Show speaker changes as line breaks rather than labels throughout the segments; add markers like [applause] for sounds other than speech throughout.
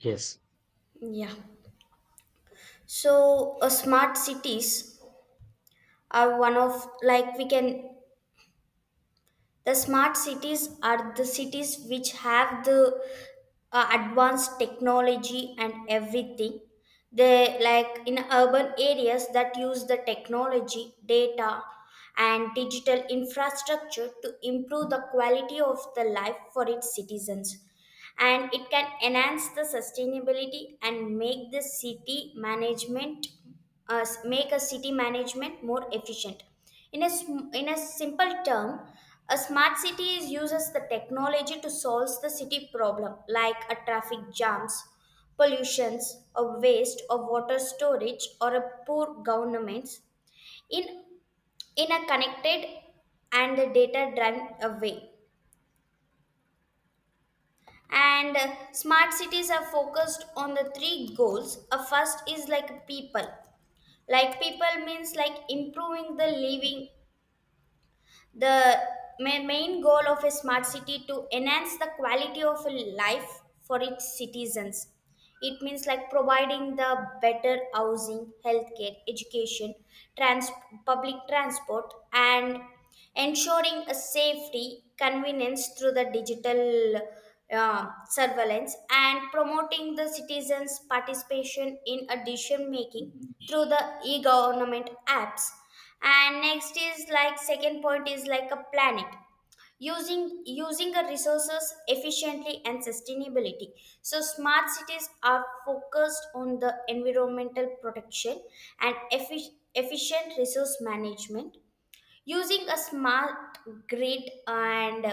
Yes.
Yeah. So smart cities are one of like we can the smart cities are the cities which have the advanced technology and everything. They like in urban areas that use the technology, data, and digital infrastructure to improve the quality of the life for its citizens. And it can enhance the sustainability and make the city management make a city management more efficient in a simple term, a smart city is uses the technology to solve the city problem like a traffic jams, pollutions, or waste or water storage or a poor governments in in a connected and data driven way. And Smart cities are focused on the three goals. A first is like people, like people means like improving the living. the Main goal of a smart city to enhance the quality of life for its citizens. It means like providing the better housing, healthcare, education, trans- public transport, and ensuring a safety, convenience through the digital surveillance, and promoting the citizens' participation in a decision making through the e-government apps. And next is like second point is like a planet, using the resources efficiently and sustainability. So smart cities are focused on the environmental protection and efficient resource management, using a smart grid and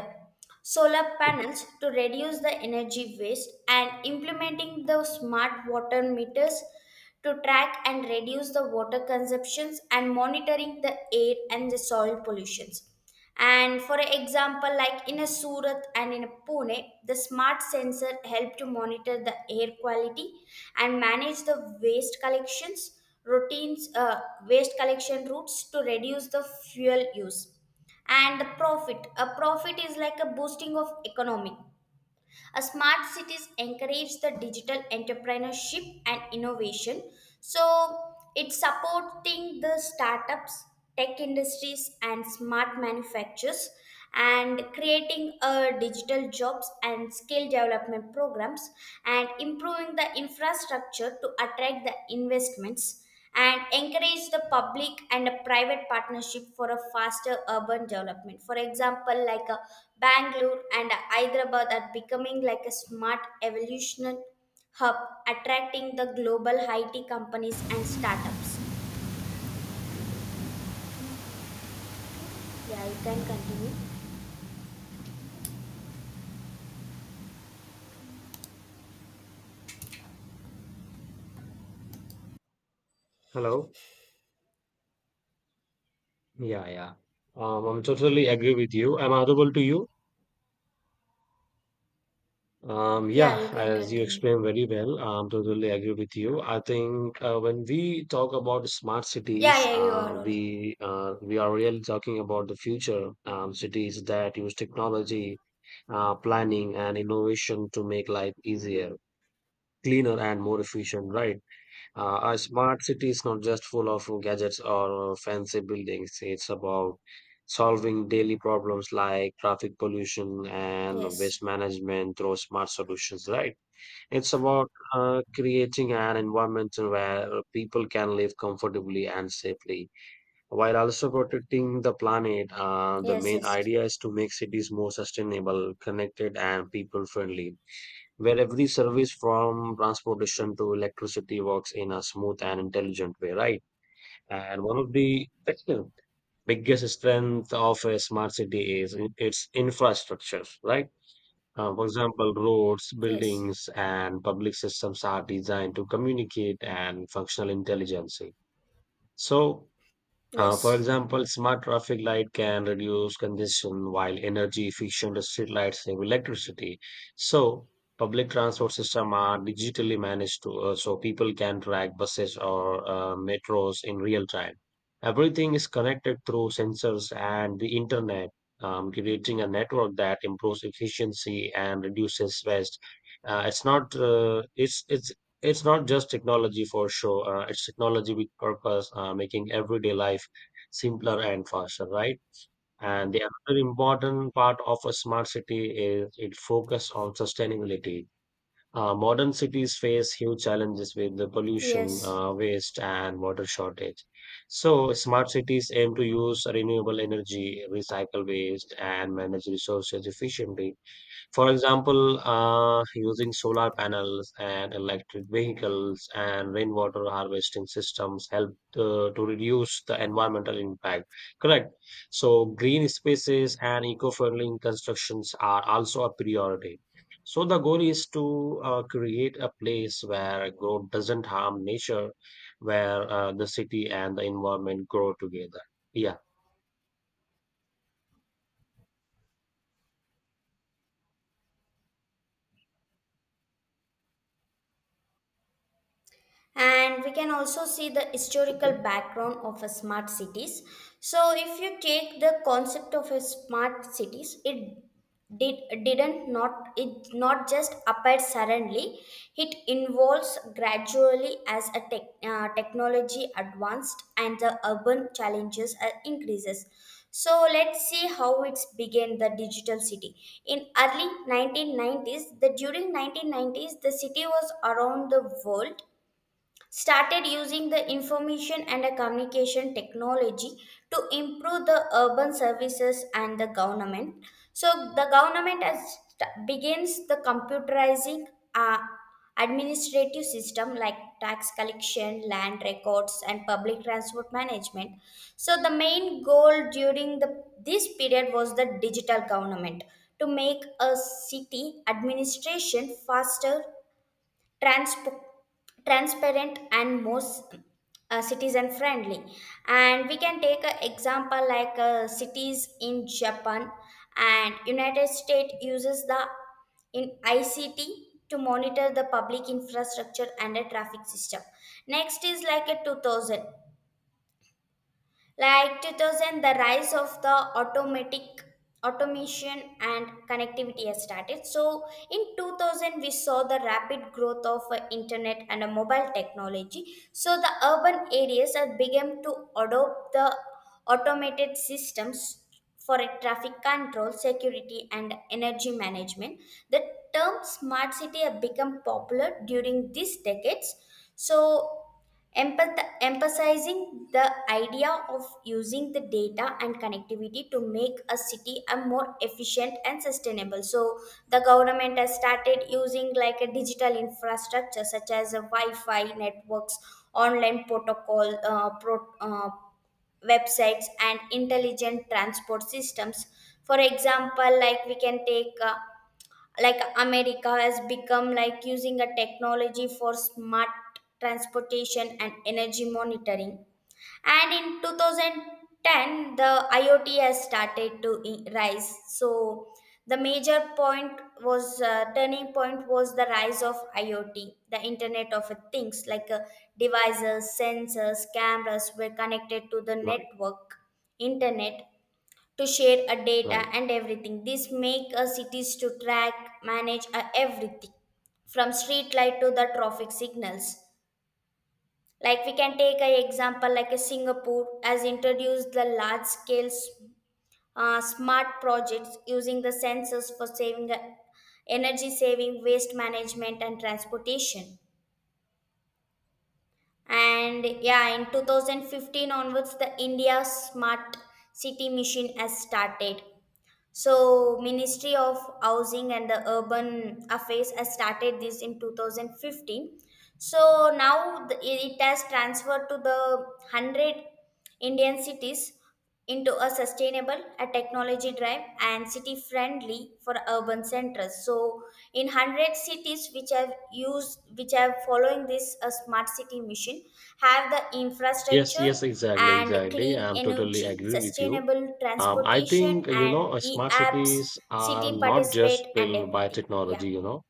solar panels to reduce the energy waste, and implementing the smart water meters to track and reduce the water consumptions, and monitoring the air and the soil pollutions. And for example, like in a Surat and in a Pune, the smart sensor help to monitor the air quality and manage the waste collections routines, waste collection routes to reduce the fuel use. And the profit, a profit is like a boosting of economy. A smart cities encourage the digital entrepreneurship and innovation. So it's supporting the startups, tech industries, and smart manufacturers, and creating a digital jobs and skill development programs, and improving the infrastructure to attract the investments and encourage the public and a private partnership for a faster urban development. For example, like a Bangalore and a Hyderabad are becoming like a smart evolution hub, attracting the global IT companies and startups. Yeah, you can continue.
Hello. Yeah, yeah. I'm totally agree with you. I'm audible to you.
Yeah,
Yeah,
you can
as you
continue.
explained very well, I'm totally agree with you. I think when we talk about smart
Yeah,
cities,
yeah, you are all.
we are really talking about the future cities that use technology, planning, and innovation to make life easier, cleaner, and more efficient, right? A smart city is not just full of gadgets or fancy buildings. It's about solving daily problems like traffic pollution and
Yes.
waste management through smart solutions, right? It's about creating an environment where people can live comfortably and safely while also protecting the planet. The
Yes,
main
yes.
idea is to make cities more sustainable, connected, and people friendly, where every service from transportation to electricity works in a smooth and intelligent way, right? And one of the [laughs] [clears throat] biggest strength of a smart city is its infrastructure, right? For example, roads,
Yes.
buildings, and public systems are designed to communicate and functional intelligence. So, for
Yes.
example, smart traffic light can reduce congestion while energy efficient street lights save electricity. So, public transport system are digitally managed so people can track buses or metros in real time. Everything is connected through sensors and the internet, creating a network that improves efficiency and reduces waste. Uh, it's not uh, it's it's it's not just technology for show. It's technology with purpose, making everyday life simpler and faster, right? And the other important part of a smart city is it focus on sustainability. Modern cities face huge challenges with the pollution,
Yes.
waste, and water shortage. So, smart cities aim to use renewable energy, recycle waste, and manage resources efficiently. For example, using solar panels and electric vehicles and rainwater harvesting systems help to reduce the environmental impact. Correct. So, green spaces and eco friendly constructions are also a priority. So, the goal is to create a place where growth doesn't harm nature, where the city and the environment grow together. Yeah.
And we can also see the historical background of a smart cities. So if you take the concept of a smart cities, it did didn't not it not just appeared suddenly. It involves gradually as a technology advanced and the urban challenges increases. So let's see how it's began. The digital city in early 1990s, the during 1990s, the city was around the world started using the information and the communication technology to improve the urban services and the government. So the government has begins the computerizing uh, administrative system like tax collection, land records, and public transport management. So the main goal during the this period was the digital government to make a city administration faster, transp- transparent, and most citizen friendly. And we can take an example like cities in japan and united states uses the in ict to monitor the public infrastructure and the traffic system. Next is like a 2000, like 2000, the rise of the automatic automation and connectivity has started. So in 2000, we saw the rapid growth of internet and mobile technology. So the urban areas have begun to adopt the automated systems for a traffic control, security, and energy management. The term smart city have become popular during these decades. So emphasizing the idea of using the data and connectivity to make a city a more efficient and sustainable. So the government has started using like a digital infrastructure such as a wi-fi networks, online protocol websites, and intelligent transport systems. For example, like we can take like america has become like using a technology for smart transportation and energy monitoring. And in 2010, the iot has started to rise. So the major point was turning point was the rise of iot, the internet of things, like devices, sensors, cameras were connected to the
Right,
network internet to share a data
right.
and everything. This make a cities to track, manage a everything from street light to the traffic signals. Like we can take an example like a Singapore has introduced the large scale smart projects using the sensors for saving the energy saving, waste management, and transportation. And yeah, in 2015 onwards, the India Smart City Mission has started. So Ministry of Housing and the Urban Affairs has started this in 2015. So now the, it has transferred to the 100 Indian cities into a sustainable, a technology drive and city friendly for urban centers. So in 100 cities which have used which have following this a smart city mission have the
Yes,
infrastructure
yes, exactly,
and
exactly.
clean
I'm totally
energy,
agree with you.
sustainable
I
transportation,
think, you
and
know,
e
smart
apps,
cities are
city
not
participate,
just
and
built by
everything. Yeah.
technology, you know.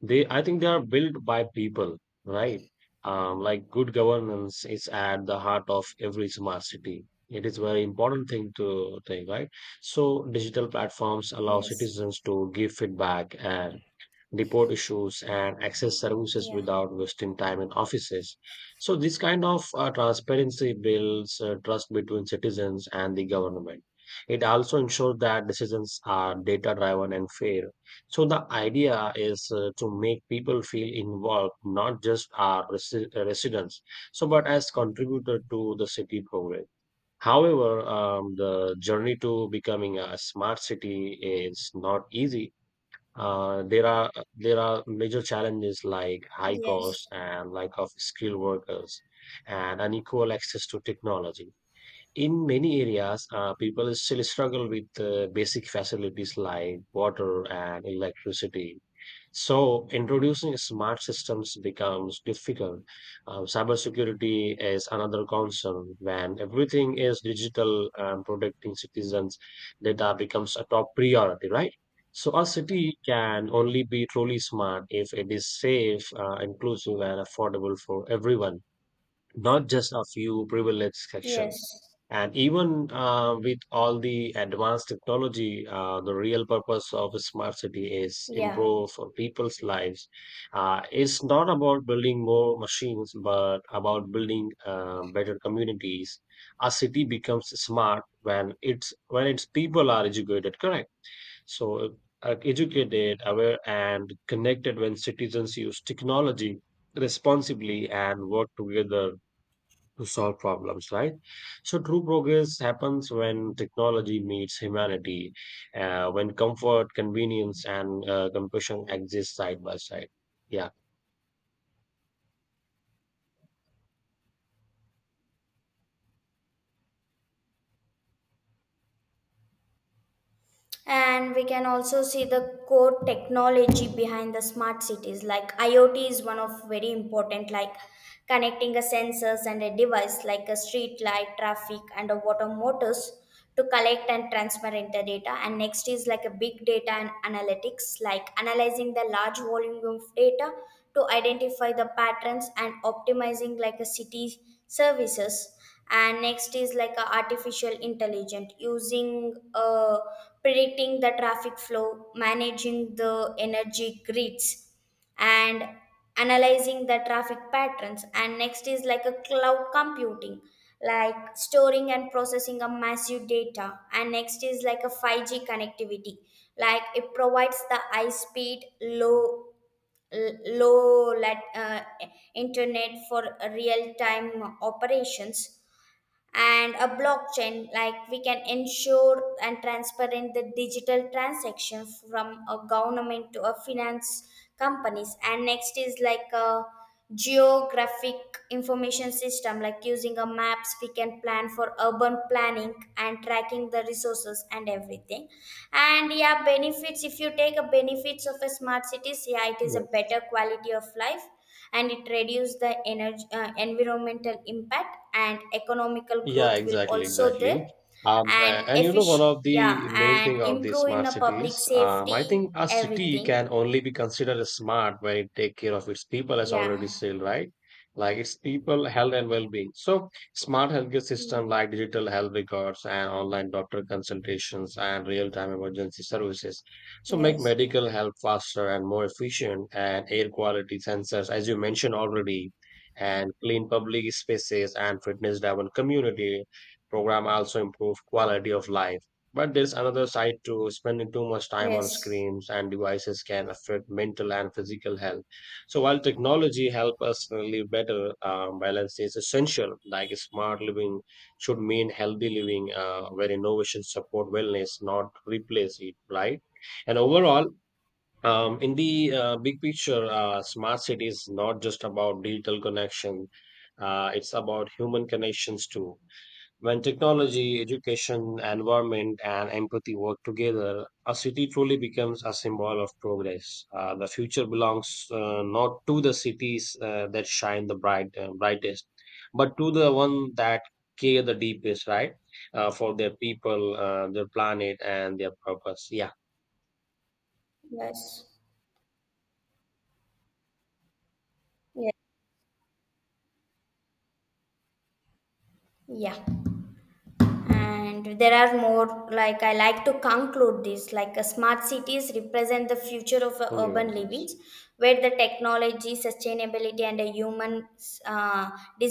They, I think they are built by people, right? Like good governance is at the heart of every smart city. It is very important thing to think, right? So digital platforms allow
Yes.
citizens to give feedback and report issues and access services
Yeah.
without wasting time in offices. So this kind of transparency builds trust between citizens and the government. It also ensures that decisions are data driven and fair. So the idea is to make people feel involved, not just our residents, so but as contributor to the city progress. However, the journey to becoming a smart city is not easy. There are major challenges like high
Yes.
costs and lack of skilled workers and unequal access to technology. In many areas, people still struggle with basic facilities like water and electricity. So, introducing smart systems becomes difficult. Cybersecurity is another concern. When everything is digital and protecting citizens' data becomes a top priority, right? So, a city can only be truly smart if it is safe, inclusive, and affordable for everyone, not just a few privileged
Yes.
sections. And even with all the advanced technology, the real purpose of a smart city is
Yeah.
improve for people's lives. It's not about building more machines, but about building better communities. A city becomes smart when its people are educated, correct? So educated, aware, and connected when citizens use technology responsibly and work together to solve problems, right? So true progress happens when technology meets humanity, when comfort, convenience, and compassion exist side by side. Yeah.
And we can also see the core technology behind the smart cities. Like IoT is one of very important, like connecting a sensors and a device like a street light, traffic, and a water motors to collect and transfer inter data. And next is like a big data and analytics, like analyzing the large volume of data to identify the patterns and optimizing like a city services. And next is like a artificial intelligence, using predicting the traffic flow, managing the energy grids, and analyzing the traffic patterns. And next is like a cloud computing, like storing and processing a massive data. And next is like a 5G connectivity, like it provides the high speed low internet for real time operations. And a blockchain, like we can ensure and transparent the digital transaction from a government to a finance companies. And next is like a geographic information system, like using a maps we can plan for urban planning and tracking the resources and everything. And yeah, benefits, if you take a benefits of a smart cities, yeah, it is a
Yes.
better quality of life, and it reduces the energy, environmental impact, and economical
Yeah,
growth will
exactly,
also there
exactly. Um,
and
a- and you know, one
efficient.
of
Yeah.
the main
And
thing of the
improve in
smart
the public
cities, I
safety,
think a city
everything.
can only be considered as smart when it take care of its people, as already
Yeah.
said, right? Like its people, health and well-being. So, smart healthcare system like digital health records and online doctor consultations and real-time emergency services. So, make
Yes.
medical help faster and more efficient, and air quality sensors, as you mentioned already, and clean public spaces and fitness driven community program also improve quality of life. But there's another side to spending too much time on
Yes,
screens and devices can affect mental and physical health. So while technology help us live better, balance is essential. Like smart living should mean healthy living, where innovation support wellness not replace it, right? And overall, in the big picture, smart city is not just about digital connection. It's about human connections too. When technology, education, environment, and empathy work together, a city truly becomes a symbol of progress. The future belongs not to the cities that shine the brightest, but to the one that care the deepest, right? For their people, their planet, and their purpose. Yeah.
yes, yes, yeah. And there are more. Like I like to conclude this, like smart cities represent the future of
Thank you
urban
very much.
livings where the technology sustainability and the human uh,